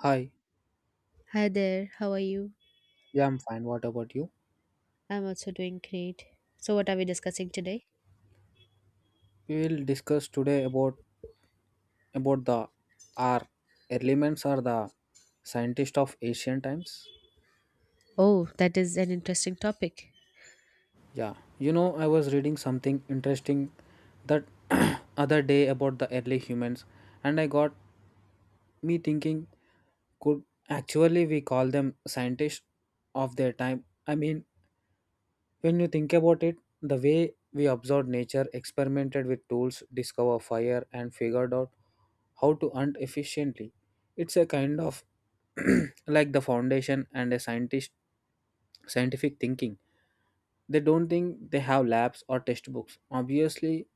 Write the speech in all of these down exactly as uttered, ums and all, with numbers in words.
Hi, Hi there, how are you? yeah, I'm fine. What about you? I'm also doing great. So, what are we discussing today? We will discuss today about about the R elements are the scientist of ancient times. Oh, that is an interesting topic. Yeah, you know, I was reading something interesting that other day about the early humans, and I got me thinking, could actually we call them scientists of their time? I mean, when you think about it, the way we observed nature, experimented with tools, discover fire, and figured out how to hunt efficiently, it's a kind of like the foundation and a scientist scientific thinking. They don't think they have labs or textbooks. Obviously,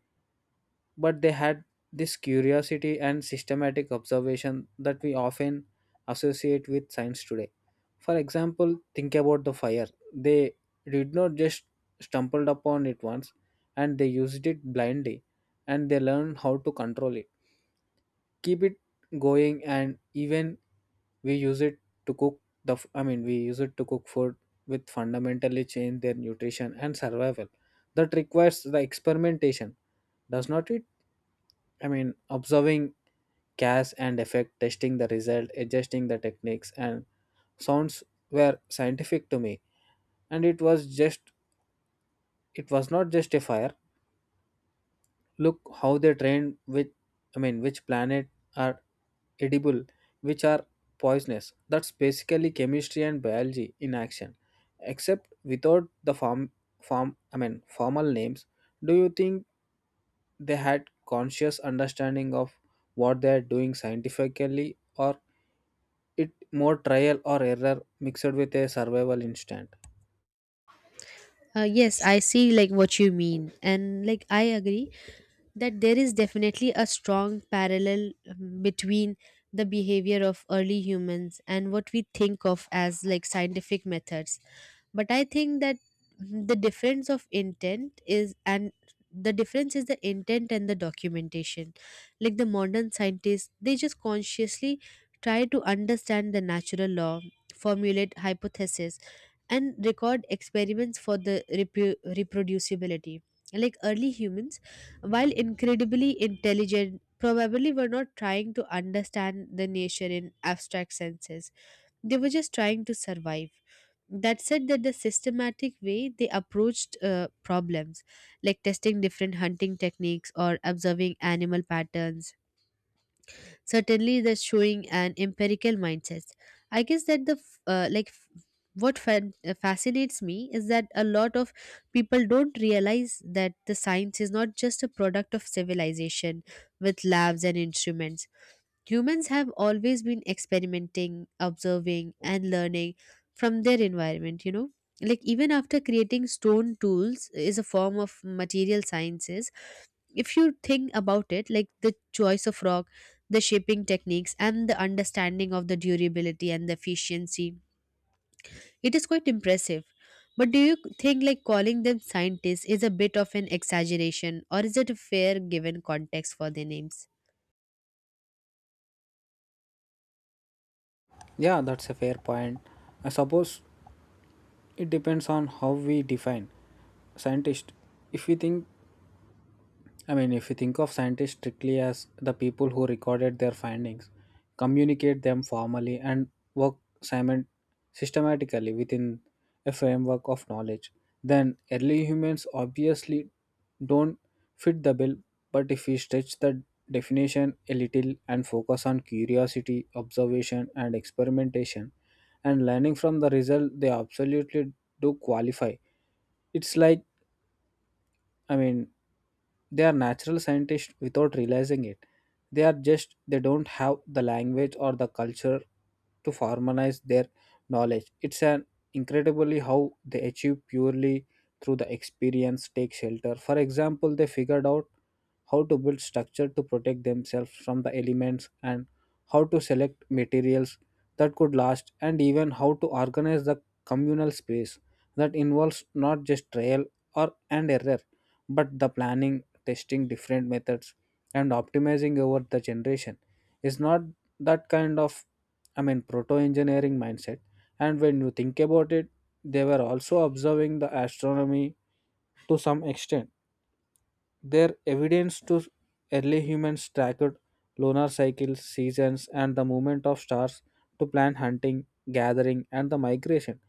but they had this curiosity and systematic observation that we often associate with science today. For example, think about the fire. They did not just stumbled upon it once and they used it blindly and they learned how to control it, keep it going, and even we use it to cook the f- I mean, we use it to cook food with fundamentally change their nutrition and survival. That requires the experimentation, does not it? I mean, observing cause and effect, testing the result, adjusting the techniques, and sounds were scientific to me. And it was just, it was not just a fire. Look how they trained with, I mean, which planet are edible, which are poisonous. That's basically chemistry and biology in action, except without the form, form, I mean, formal names. Do you think they had conscious understanding of what they are doing scientifically, or it more trial or error mixed with a survival instinct? Uh, yes, I see like what you mean, and like I agree that there is definitely a strong parallel, um, between the behavior of early humans and what we think of as like scientific methods, but I think that, hmm, the difference of intent is and the difference is the intent and the documentation. Like the modern scientists, they just consciously try to understand the natural law, formulate hypotheses, and record experiments for the repu- reproducibility. Like early humans, while incredibly intelligent, probably were not trying to understand the nature in abstract senses. They were just trying to survive. That said, that the systematic way they approached uh, problems, like testing different hunting techniques or observing animal patterns, certainly that's showing an empirical mindset. I guess that the f- uh, like f- what fan- uh, fascinates me is that a lot of people don't realize that the science is not just a product of civilization with labs and instruments. Humans have always been experimenting, observing, and learning from their environment, you know, like even after creating stone tools is a form of material sciences. If you think about it, like the choice of rock, the shaping techniques, and the understanding of the durability and the efficiency, it is quite impressive. But do you think like calling them scientists is a bit of an exaggeration, or is it a fair given context for their names? Yeah, that's a fair point. I suppose it depends on how we define scientist. If we think I mean, if you think of scientists strictly as the people who recorded their findings, communicate them formally, and work simon- systematically within a framework of knowledge, then early humans obviously don't fit the bill. But if we stretch the definition a little and focus on curiosity, observation, and experimentation, and learning from the result, they absolutely do qualify. It's like, I mean, they are natural scientists without realizing it. They are just, they don't have the language or the culture to formalize their knowledge. It's an incredibly how they achieve purely through the experience take shelter. For example, they figured out how to build structure to protect themselves from the elements, and how to select materials that could last, and even how to organize the communal space. That involves not just trial or and error, but the planning, testing different methods, and optimizing over the generation. Is not that kind of i mean proto engineering mindset? And when you think about it, they were also observing the astronomy to some extent. Their evidence to early humans tracked lunar cycles, seasons, and the movement of stars to plan hunting, gathering, and the migration.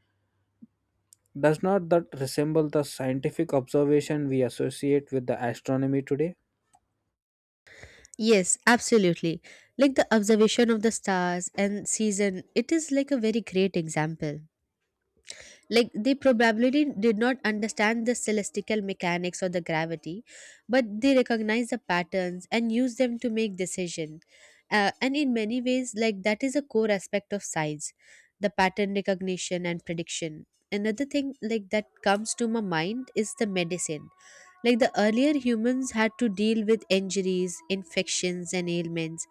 Does not that resemble the scientific observation we associate with the astronomy today? Yes, absolutely. Like the observation of the stars and season, it is like a very great example. Like they probably did not understand the celestial mechanics or the gravity, but they recognize the patterns and use them to make decision. Uh, and in many ways, like that is a core aspect of science, the pattern recognition and prediction. Another thing like that comes to my mind is the medicine. Like the earlier humans had to deal with injuries, infections, and ailments,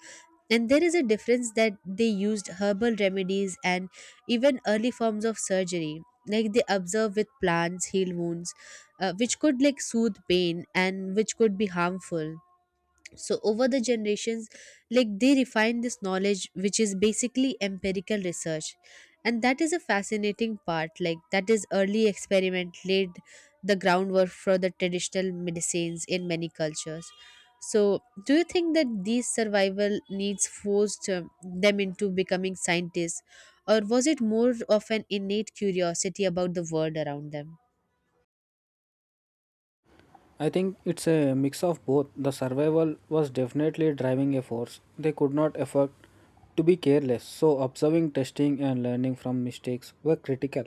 and there is a difference that they used herbal remedies and even early forms of surgery. Like they observe with plants, heal wounds, uh, which could like soothe pain and which could be harmful. So over the generations, like they refine this knowledge, which is basically empirical research, and that is a fascinating part. Like that is early experiment laid the groundwork for the traditional medicines in many cultures. So do you think that these survival needs forced, um, them into becoming scientists, or was it more of an innate curiosity about the world around them? I think it's a mix of both. The survival was definitely driving a force. They could not afford to be careless, so observing, testing, and learning from mistakes were critical.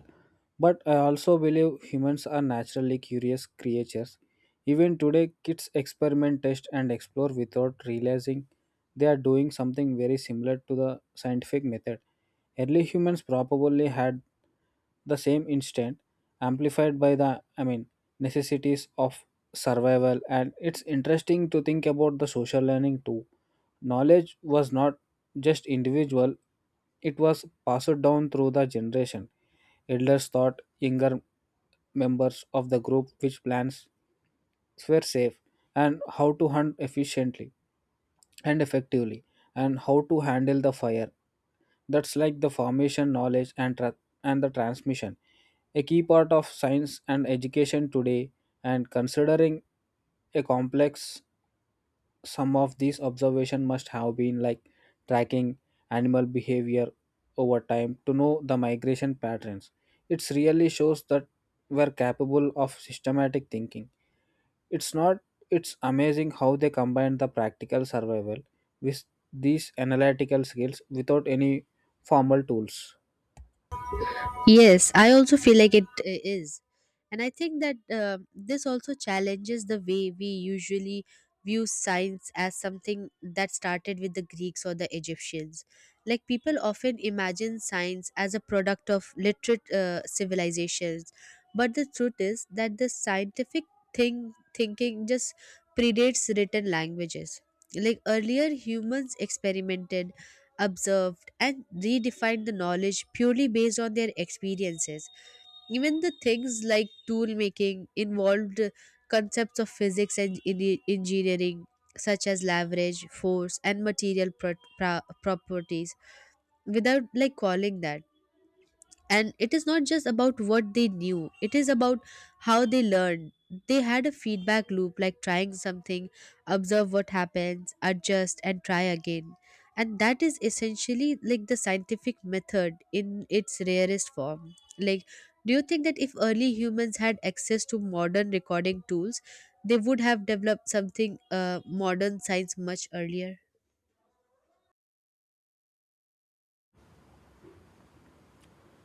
But I also believe humans are naturally curious creatures. Even today, kids experiment, test, and explore without realizing they are doing something very similar to the scientific method. Early humans probably had the same instinct amplified by the i mean necessities of survival. And it's interesting to think about the social learning too. Knowledge was not just individual, it was passed down through the generation. Elders taught younger members of the group which plants were safe, and how to hunt efficiently and effectively, and how to handle the fire. That's like the formation knowledge and tra- and the transmission, a key part of science and education today. And considering a complex, some of these observation must have been like tracking animal behavior over time to know the migration patterns. It really shows that we're capable of systematic thinking. It's not It's amazing how they combine the practical survival with these analytical skills without any formal tools. Yes, I also feel like it uh, is. And I think that, uh, this also challenges the way we usually view science as something that started with the Greeks or the Egyptians. Like people often imagine science as a product of literate uh, civilizations, but the truth is that the scientific thing thinking just predates written languages. Like earlier humans experimented, observed, and redefined the knowledge purely based on their experiences. Even the things like tool making involved concepts of physics and en- engineering, such as leverage, force, and material pro- pro- properties, without like calling that. And it is not just about what they knew, it is about how they learned. They had a feedback loop, like trying something, observe what happens, adjust and try again, and that is essentially like the scientific method in its rarest form. Like, do you think that if early humans had access to modern recording tools, they would have developed something, uh, modern science much earlier?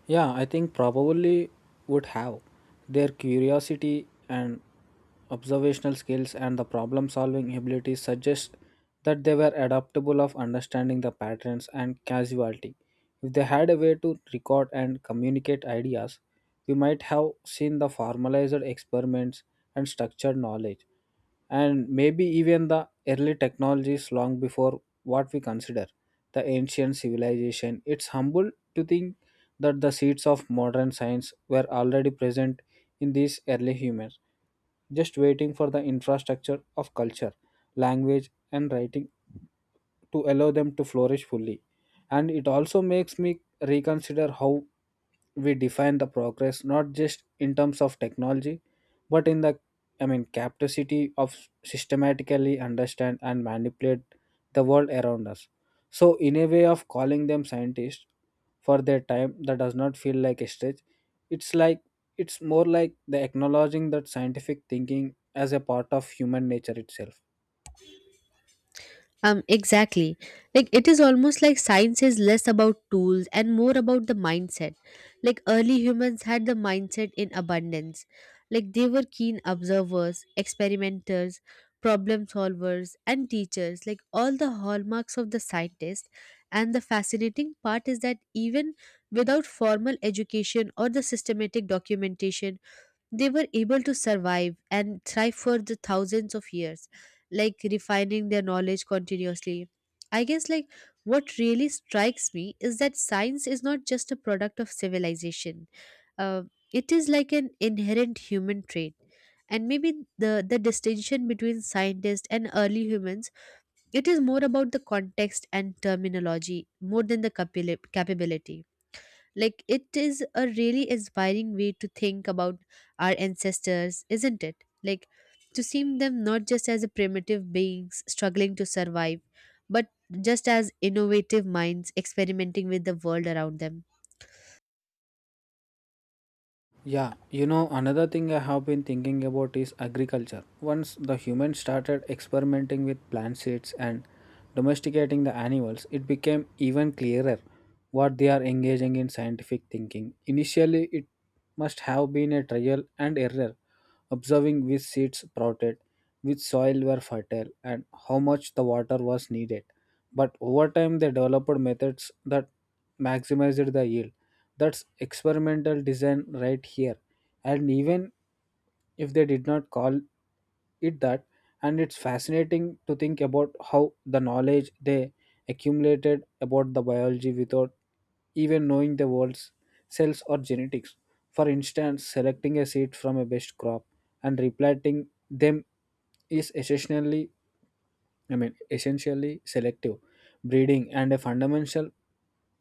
Yeah, I think probably would have. Their curiosity and observational skills and the problem solving abilities suggest that they were adaptable of understanding the patterns and casualty. If they had a way to record and communicate ideas, we might have seen the formalized experiments and structured knowledge, and maybe even the early technologies long before what we consider the ancient civilization. It's humble to think that the seeds of modern science were already present in these early humans, just waiting for the infrastructure of culture, language, and writing to allow them to flourish fully. And it also makes me reconsider how we define the progress, not just in terms of technology, but in the i mean capacity of systematically understand and manipulate the world around us. So in a way of calling them scientists for their time, that does not feel like a stretch. it's like it's more like the acknowledging that scientific thinking as a part of human nature itself. Um, exactly. Like it is almost like science is less about tools and more about the mindset. Like early humans had the mindset in abundance. Like they were keen observers, experimenters, problem solvers, and teachers. Like all the hallmarks of the scientist. And the fascinating part is that even without formal education or the systematic documentation, they were able to survive and thrive for the thousands of years, like refining their knowledge continuously. I guess like what really strikes me is that science is not just a product of civilization, uh, it is like an inherent human trait. And maybe the the distinction between scientists and early humans, it is more about the context and terminology more than the capil- capability. Like, it is a really inspiring way to think about our ancestors, isn't it? Like, to see them not just as a primitive beings struggling to survive, but just as innovative minds experimenting with the world around them. Yeah, you know, another thing I have been thinking about is agriculture. Once the humans started experimenting with plant seeds and domesticating the animals, it became even clearer what they are engaging in scientific thinking. Initially, it must have been a trial and error, observing which seeds sprouted, which soil were fertile, and how much the water was needed. But over time, they developed methods that maximized the yield. That's experimental design right here. And even if they did not call it that, and it's fascinating to think about how the knowledge they accumulated about the biology without even knowing the world's cells or genetics. For instance, selecting a seed from a best crop and replanting them is essentially, I mean, essentially selective breeding, and a fundamental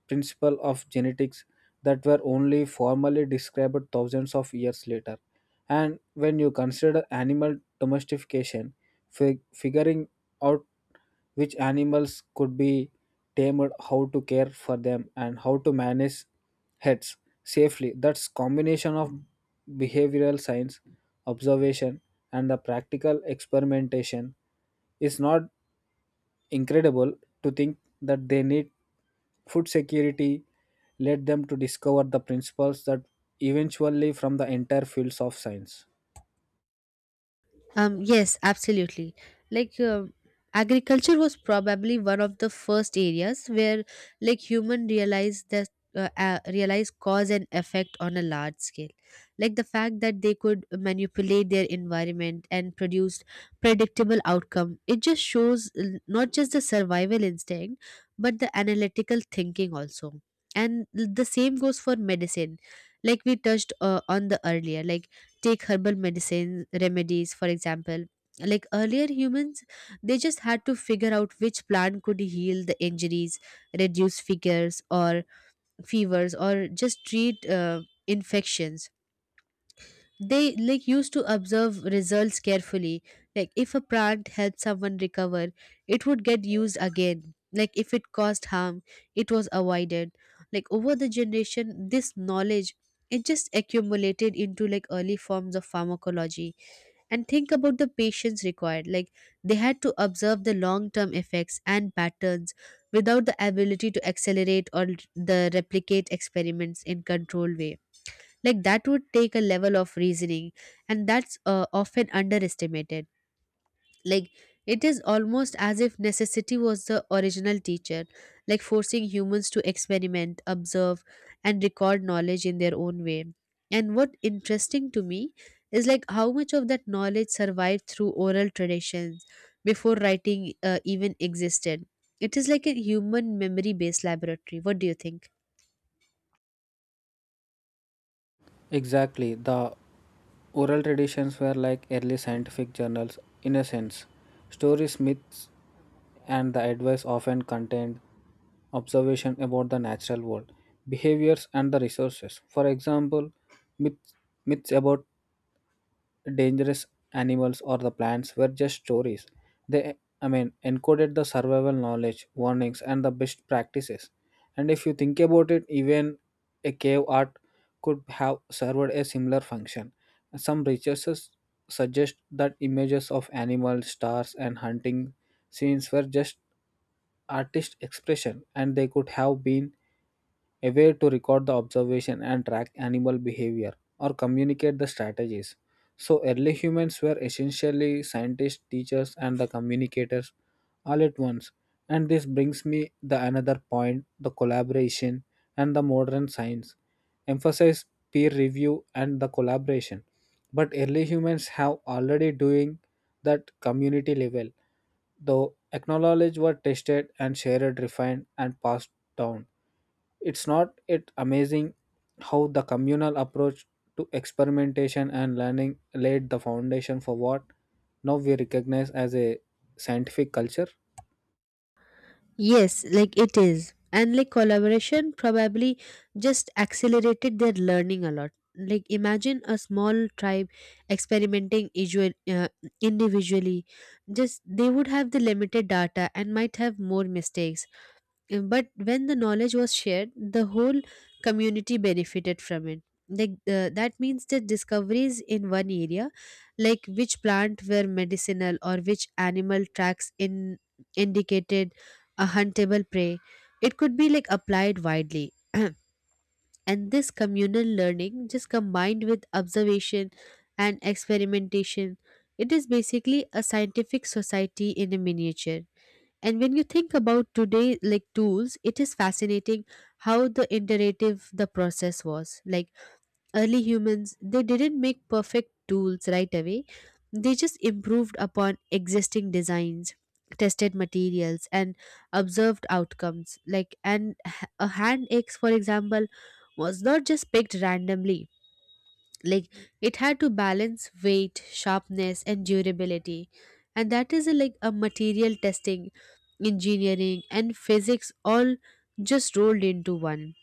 principle of genetics that were only formally described thousands of years later. And when you consider animal domestication, fig- figuring out which animals could be tamed, how to care for them, and how to manage heads safely, that's combination of behavioral science, observation, and the practical experimentation. Is not incredible to think that they need food security led them to discover the principles that eventually from the entire fields of science. Um, yes, absolutely. Like uh, Agriculture was probably one of the first areas where like human realized that, uh, uh, realize cause and effect on a large scale. Like the fact that they could manipulate their environment and produce predictable outcome. It just shows, uh, not just the survival instinct, but the analytical thinking also. And the same goes for medicine, like we touched uh, on the earlier, like take herbal medicines remedies for example. Like earlier humans, they just had to figure out which plant could heal the injuries, reduce figures or fevers, or just treat uh, infections. They like used to observe results carefully. Like if a plant helped someone recover, it would get used again. Like if it caused harm, it was avoided. Like over the generation, this knowledge, it just accumulated into like early forms of pharmacology. And think about the patience required. Like they had to observe the long term effects and patterns without the ability to accelerate or the replicate experiments in controlled way. Like that would take a level of reasoning, and that's uh, often underestimated. Like, it is almost as if necessity was the original teacher, like forcing humans to experiment, observe, and record knowledge in their own way. And what interesting to me is like how much of that knowledge survived through oral traditions before writing uh, even existed. It is like a human memory based laboratory. What do you think? Exactly, the oral traditions were like early scientific journals in a sense. Stories, myths, and the advice often contained observation about the natural world, behaviors, and the resources. For example, myths, myths about dangerous animals or the plants were just stories. They, I mean, encoded the survival knowledge, warnings, and the best practices. And if you think about it, even a cave art could have served a similar function. Some researchers suggest that images of animals, stars, and hunting scenes were just artist expression, and they could have been a way to record the observation and track animal behavior or communicate the strategies. So, early humans were essentially scientists, teachers, and the communicators all at once. And this brings me the another point, the collaboration. And the modern science emphasize peer review and the collaboration, but early humans have already doing that community level. The acknowledge were tested and shared, refined, and passed down. It's not it amazing how the communal approach to experimentation and learning laid the foundation for what now we recognize as a scientific culture. Yes, like it is. And like collaboration probably just accelerated their learning a lot. Like imagine a small tribe experimenting, isu- uh, individually. Just they would have the limited data and might have more mistakes. Uh, But when the knowledge was shared, the whole community benefited from it. Like uh, that means the discoveries in one area, like which plant were medicinal or which animal tracks in indicated a huntable prey, it could be like applied widely. And this communal learning, just combined with observation and experimentation, it is basically a scientific society in a miniature. And when you think about today, like tools, it is fascinating how the iterative the process was. Like early humans, they didn't make perfect tools right away. They just improved upon existing designs, tested materials, and observed outcomes. Like and h- a hand axe, for example, was not just picked randomly. Like it had to balance weight, sharpness, and durability, and that is a, like a material testing, engineering and physics all just rolled into one.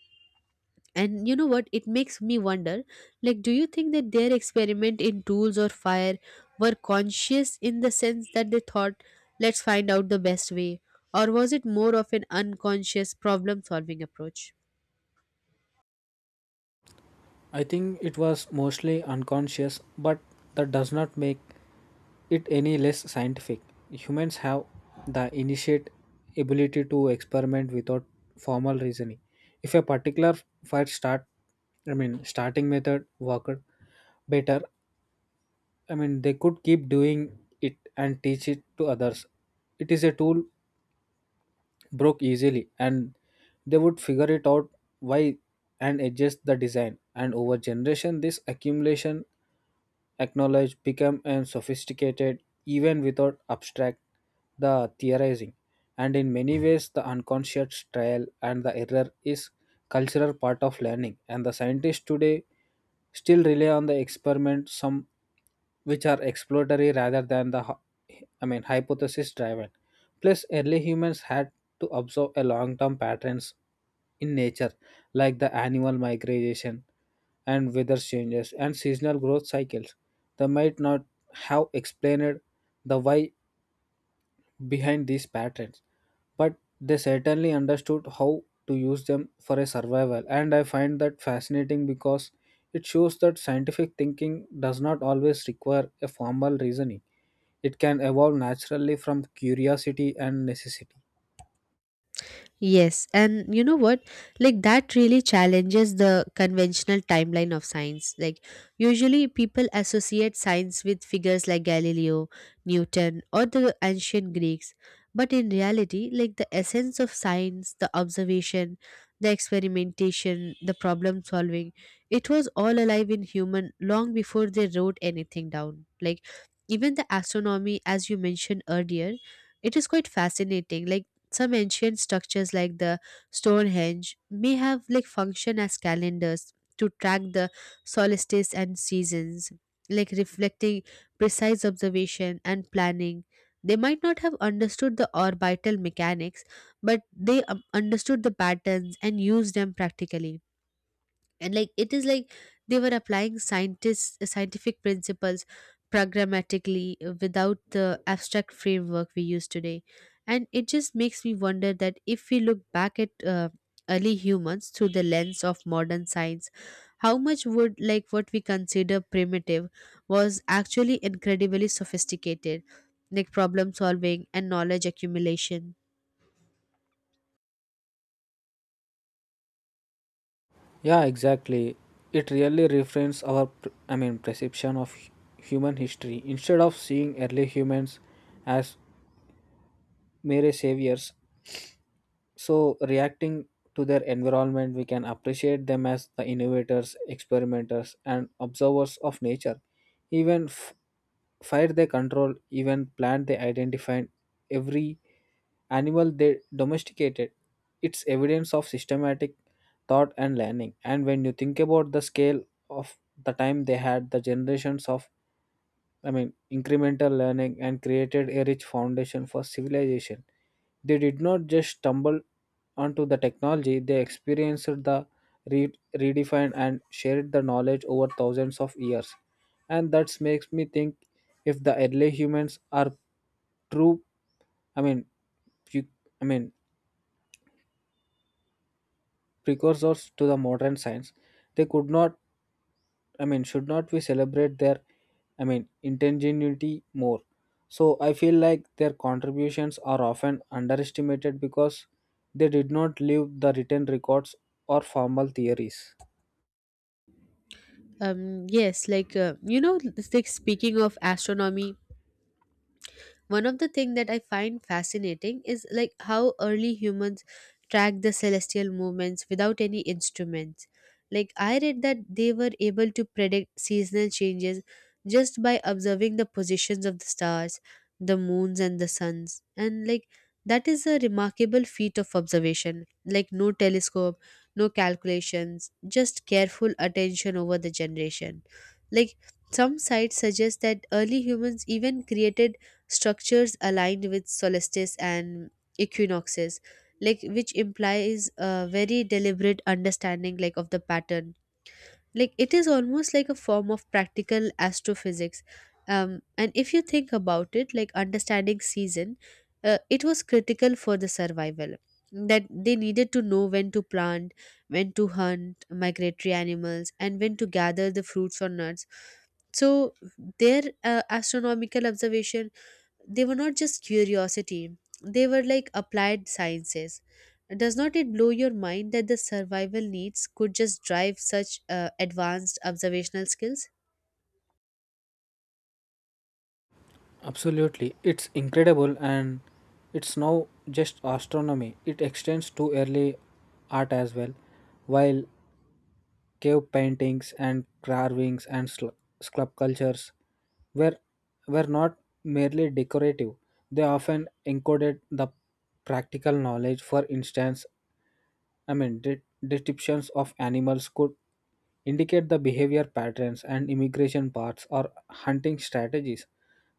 And you know what, it makes me wonder, like do you think that their experiment in tools or fire were conscious in the sense that they thought let's find out the best way, or was it more of an unconscious problem solving approach? I think it was mostly unconscious, but that does not make it any less scientific. Humans have the initiate ability to experiment without formal reasoning. If a particular fire start, I mean, starting method worked better, I mean, they could keep doing it and teach it to others. It is a tool broke easily, and they would figure it out why and adjust the design, and over generation this accumulation acknowledged become and sophisticated even without abstract the theorizing. And in many ways the unconscious trial and the error is cultural part of learning, and the scientists today still rely on the experiment, some which are exploratory rather than the hy- I mean hypothesis driven. Plus early humans had to observe a long-term patterns in nature, like the animal migration and weather changes and seasonal growth cycles. They might not have explained the why behind these patterns, but they certainly understood how to use them for a survival. And I find that fascinating, because it shows that scientific thinking does not always require a formal reasoning. It can evolve naturally from curiosity and necessity. Yes, and you know what? Like that really challenges the conventional timeline of science. Like usually people associate science with figures like Galileo, Newton, or the ancient Greeks. But in reality, like the essence of science, the observation, the experimentation, the problem solving, it was all alive in human long before they wrote anything down. Like even the astronomy as you mentioned earlier, it is quite fascinating. Like some ancient structures like the Stonehenge may have like function as calendars to track the solstices and seasons, like reflecting precise observation and planning. They might not have understood the orbital mechanics, but they um, understood the patterns and used them practically. And like it is like they were applying scientists, uh, scientific principles programmatically, uh, without the abstract framework we use today. And it just makes me wonder that if we look back at, uh, early humans through the lens of modern science, how much would like what we consider primitive was actually incredibly sophisticated, like problem solving and knowledge accumulation. Yeah, exactly. It really reframes our, pr- I mean, perception of hu- human history. Instead of seeing early humans as mere saviors, so reacting to their environment, we can appreciate them as the innovators, experimenters, and observers of nature. Even f- fire they control, even plant they identified, every animal they domesticated, it's evidence of systematic thought and learning. And when you think about the scale of the time, they had the generations of, I mean, incremental learning and created a rich foundation for civilization. They did not just stumble onto the technology, they experienced the re- redefined and shared the knowledge over thousands of years. And that makes me think if the early humans are true, I mean, pre- I mean, precursors to the modern science, they could not I mean, should not we celebrate their, I mean, ingenuity more? So I feel like their contributions are often underestimated because they did not leave the written records or formal theories. Um yes like uh, you know it's like, speaking of astronomy, one of the things that I find fascinating is like how early humans tracked the celestial movements without any instruments. Like I read that they were able to predict seasonal changes just by observing the positions of the stars, the moons and the suns. And like that is a remarkable feat of observation. Like no telescope, no calculations, just careful attention over the generation. Like some sites suggest that early humans even created structures aligned with solstices and equinoxes, like which implies a very deliberate understanding like of the pattern. Like it is almost like a form of practical astrophysics. Um, and if you think about it, like understanding season, uh, it was critical for the survival, that they needed to know when to plant, when to hunt migratory animals, and when to gather the fruits or nuts. So their, uh, astronomical observation, they were not just curiosity, they were like applied sciences. Does not it blow your mind that the survival needs could just drive such, uh, advanced observational skills? Absolutely, it's incredible, and it's now just astronomy. It extends to early art as well, while cave paintings and carvings and sl- sculptures were, were not merely decorative, they often encoded the practical knowledge. For instance, I mean, de- descriptions of animals could indicate the behavior patterns and immigration paths or hunting strategies.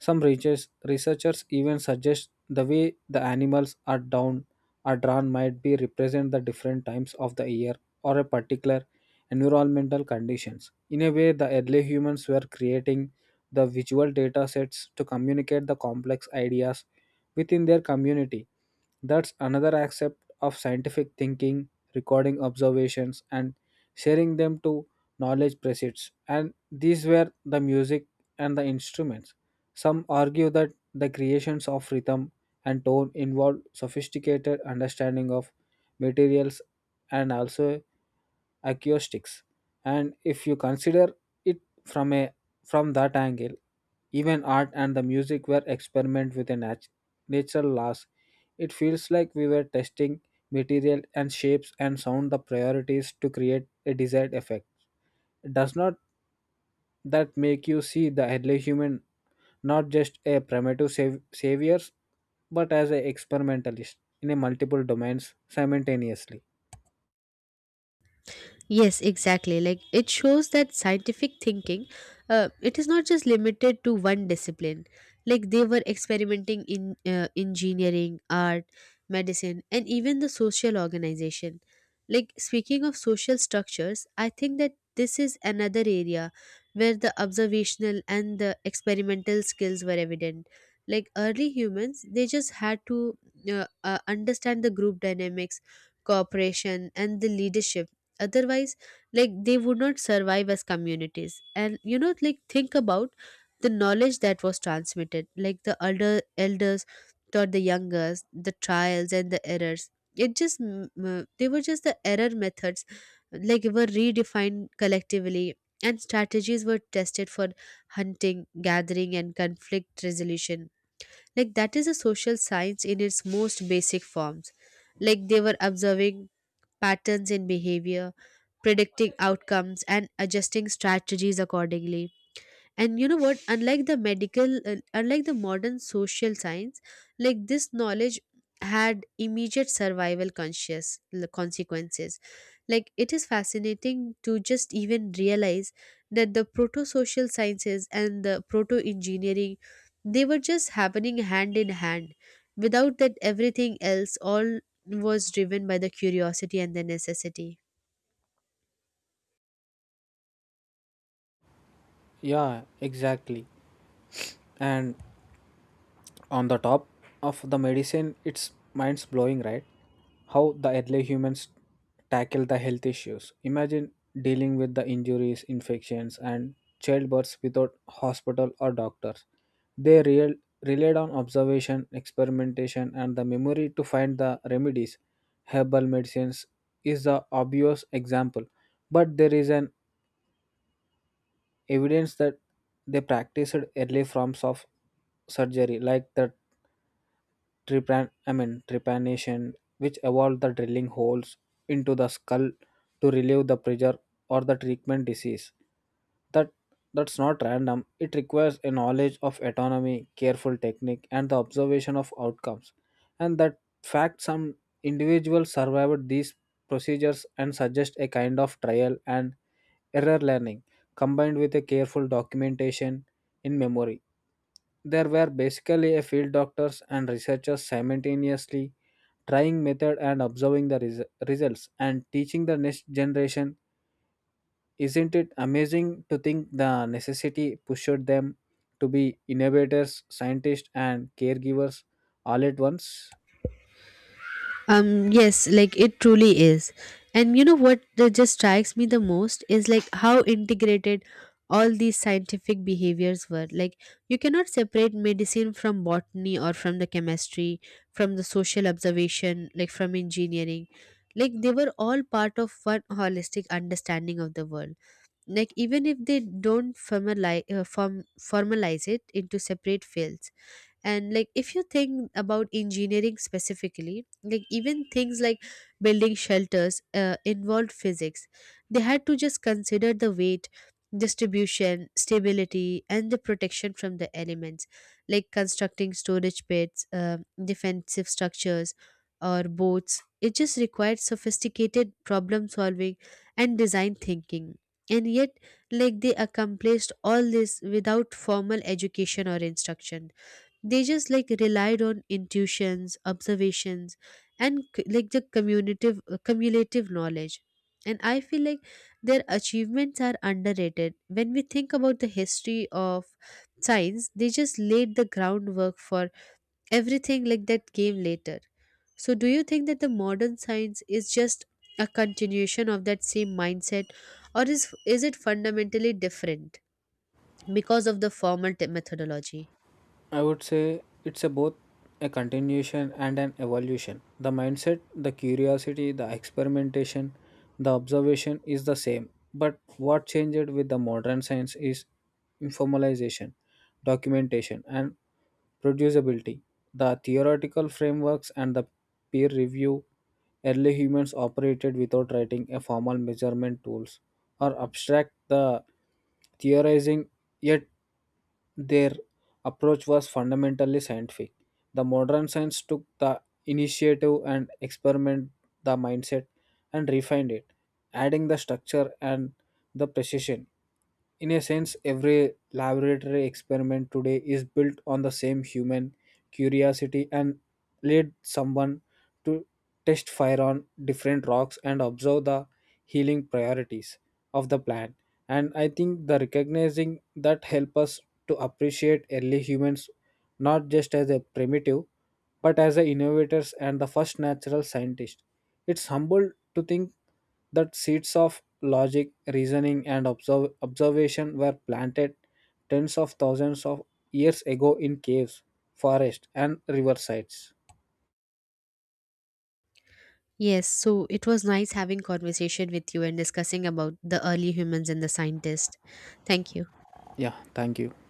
Some research- researchers even suggest the way the animals are down or drawn might be represent the different times of the year or a particular environmental conditions. In a way, the early humans were creating the visual data sets to communicate the complex ideas within their community. That's another aspect of scientific thinking, recording observations and sharing them to knowledge proceeds. And these were the music and the instruments. Some argue that the creations of rhythm and tone involved sophisticated understanding of materials and also acoustics. And if you consider it from a from that angle, even art and the music were experiment with a nat- natural laws. It feels like we were testing material and shapes and sound the priorities to create a desired effect. Does not that make you see the early human not just a primitive sav- saviors but as an experimentalist in a multiple domains simultaneously. Yes, exactly. Like it shows that scientific thinking, uh, it is not just limited to one discipline. Like they were experimenting in, uh, engineering, art, medicine, and even the social organization. Like speaking of social structures, I think that this is another area where the observational and the experimental skills were evident. Like early humans, they just had to, uh, uh, understand the group dynamics, cooperation, and the leadership. Otherwise, like they would not survive as communities. And you know, like think about the knowledge that was transmitted, like the elder elders taught the youngers the trials and the errors. It just mm, mm, they were just the error methods, like were redefined collectively, and strategies were tested for hunting, gathering, and conflict resolution. Like that is a social science in its most basic forms. Like they were observing patterns in behavior, predicting outcomes, and adjusting strategies accordingly. And you know what, unlike the medical uh, unlike the modern social science, like this knowledge had immediate survival conscious l- consequences. Like it is fascinating to just even realize that the proto social sciences and the proto engineering, they were just happening hand in hand, without that everything else all was driven by the curiosity and the necessity. Yeah, exactly. And on the top of the medicine, it's mind blowing, right? How the early humans tackle the health issues. Imagine dealing with the injuries, infections, and childbirths without hospital or doctors. They real, relied on observation, experimentation, and the memory to find the remedies. Herbal medicines is the obvious example, but there is an evidence that they practiced early forms of surgery like the trepan I mean trepanation, which evolved the drilling holes into the skull to relieve the pressure or the treatment disease. That that's not random. It requires a knowledge of autonomy, careful technique, and the observation of outcomes. And that fact some individuals survived these procedures and suggest a kind of trial and error learning combined with a careful documentation in memory. There were basically a field doctors and researchers simultaneously trying method and observing the res- results and teaching the next generation. Isn't it amazing to think the necessity pushed them to be innovators, scientists, and caregivers all at once? Um, yes, like it truly is. And you know what that just strikes me the most is like how integrated all these scientific behaviors were. Like you cannot separate medicine from botany or from the chemistry, from the social observation, like from engineering. Like they were all part of one holistic understanding of the world. Like even if they don't formalize, uh, form, formalize it into separate fields. And like if you think about engineering specifically, like even things like building shelters, uh, involved physics. They had to just consider the weight distribution, stability, and the protection from the elements. Like constructing storage pits, uh, defensive structures, or boats, it just required sophisticated problem solving and design thinking. And yet, like they accomplished all this without formal education or instruction. They just like relied on intuitions, observations, and c- like the cumulative uh, cumulative knowledge. And I feel like their achievements are underrated when we think about the history of science. They just laid the groundwork for everything like that came later. So do you think that the modern science is just a continuation of that same mindset, or is is it fundamentally different because of the formal te- methodology? I would say it's a both a continuation and an evolution. The mindset, the curiosity, the experimentation, the observation is the same. But what changed with the modern science is informalization, documentation, and producibility. The theoretical frameworks and the peer review. Early humans operated without writing a formal measurement tools or abstract the theorizing, yet their approach was fundamentally scientific. The modern science took the initiative and experiment the mindset and refined it, adding the structure and the precision. In a sense, every laboratory experiment today is built on the same human curiosity and lead someone to test fire on different rocks and observe the healing priorities of the plant. And I think the recognizing that help us to appreciate early humans not just as a primitive but as the innovators and the first natural scientist. It's humble to think that seeds of logic, reasoning, and observ- observation were planted tens of thousands of years ago in caves, forests, and riversides. Yes, so it was nice having conversation with you and discussing about the early humans and the scientists. Thank you. Yeah, thank you.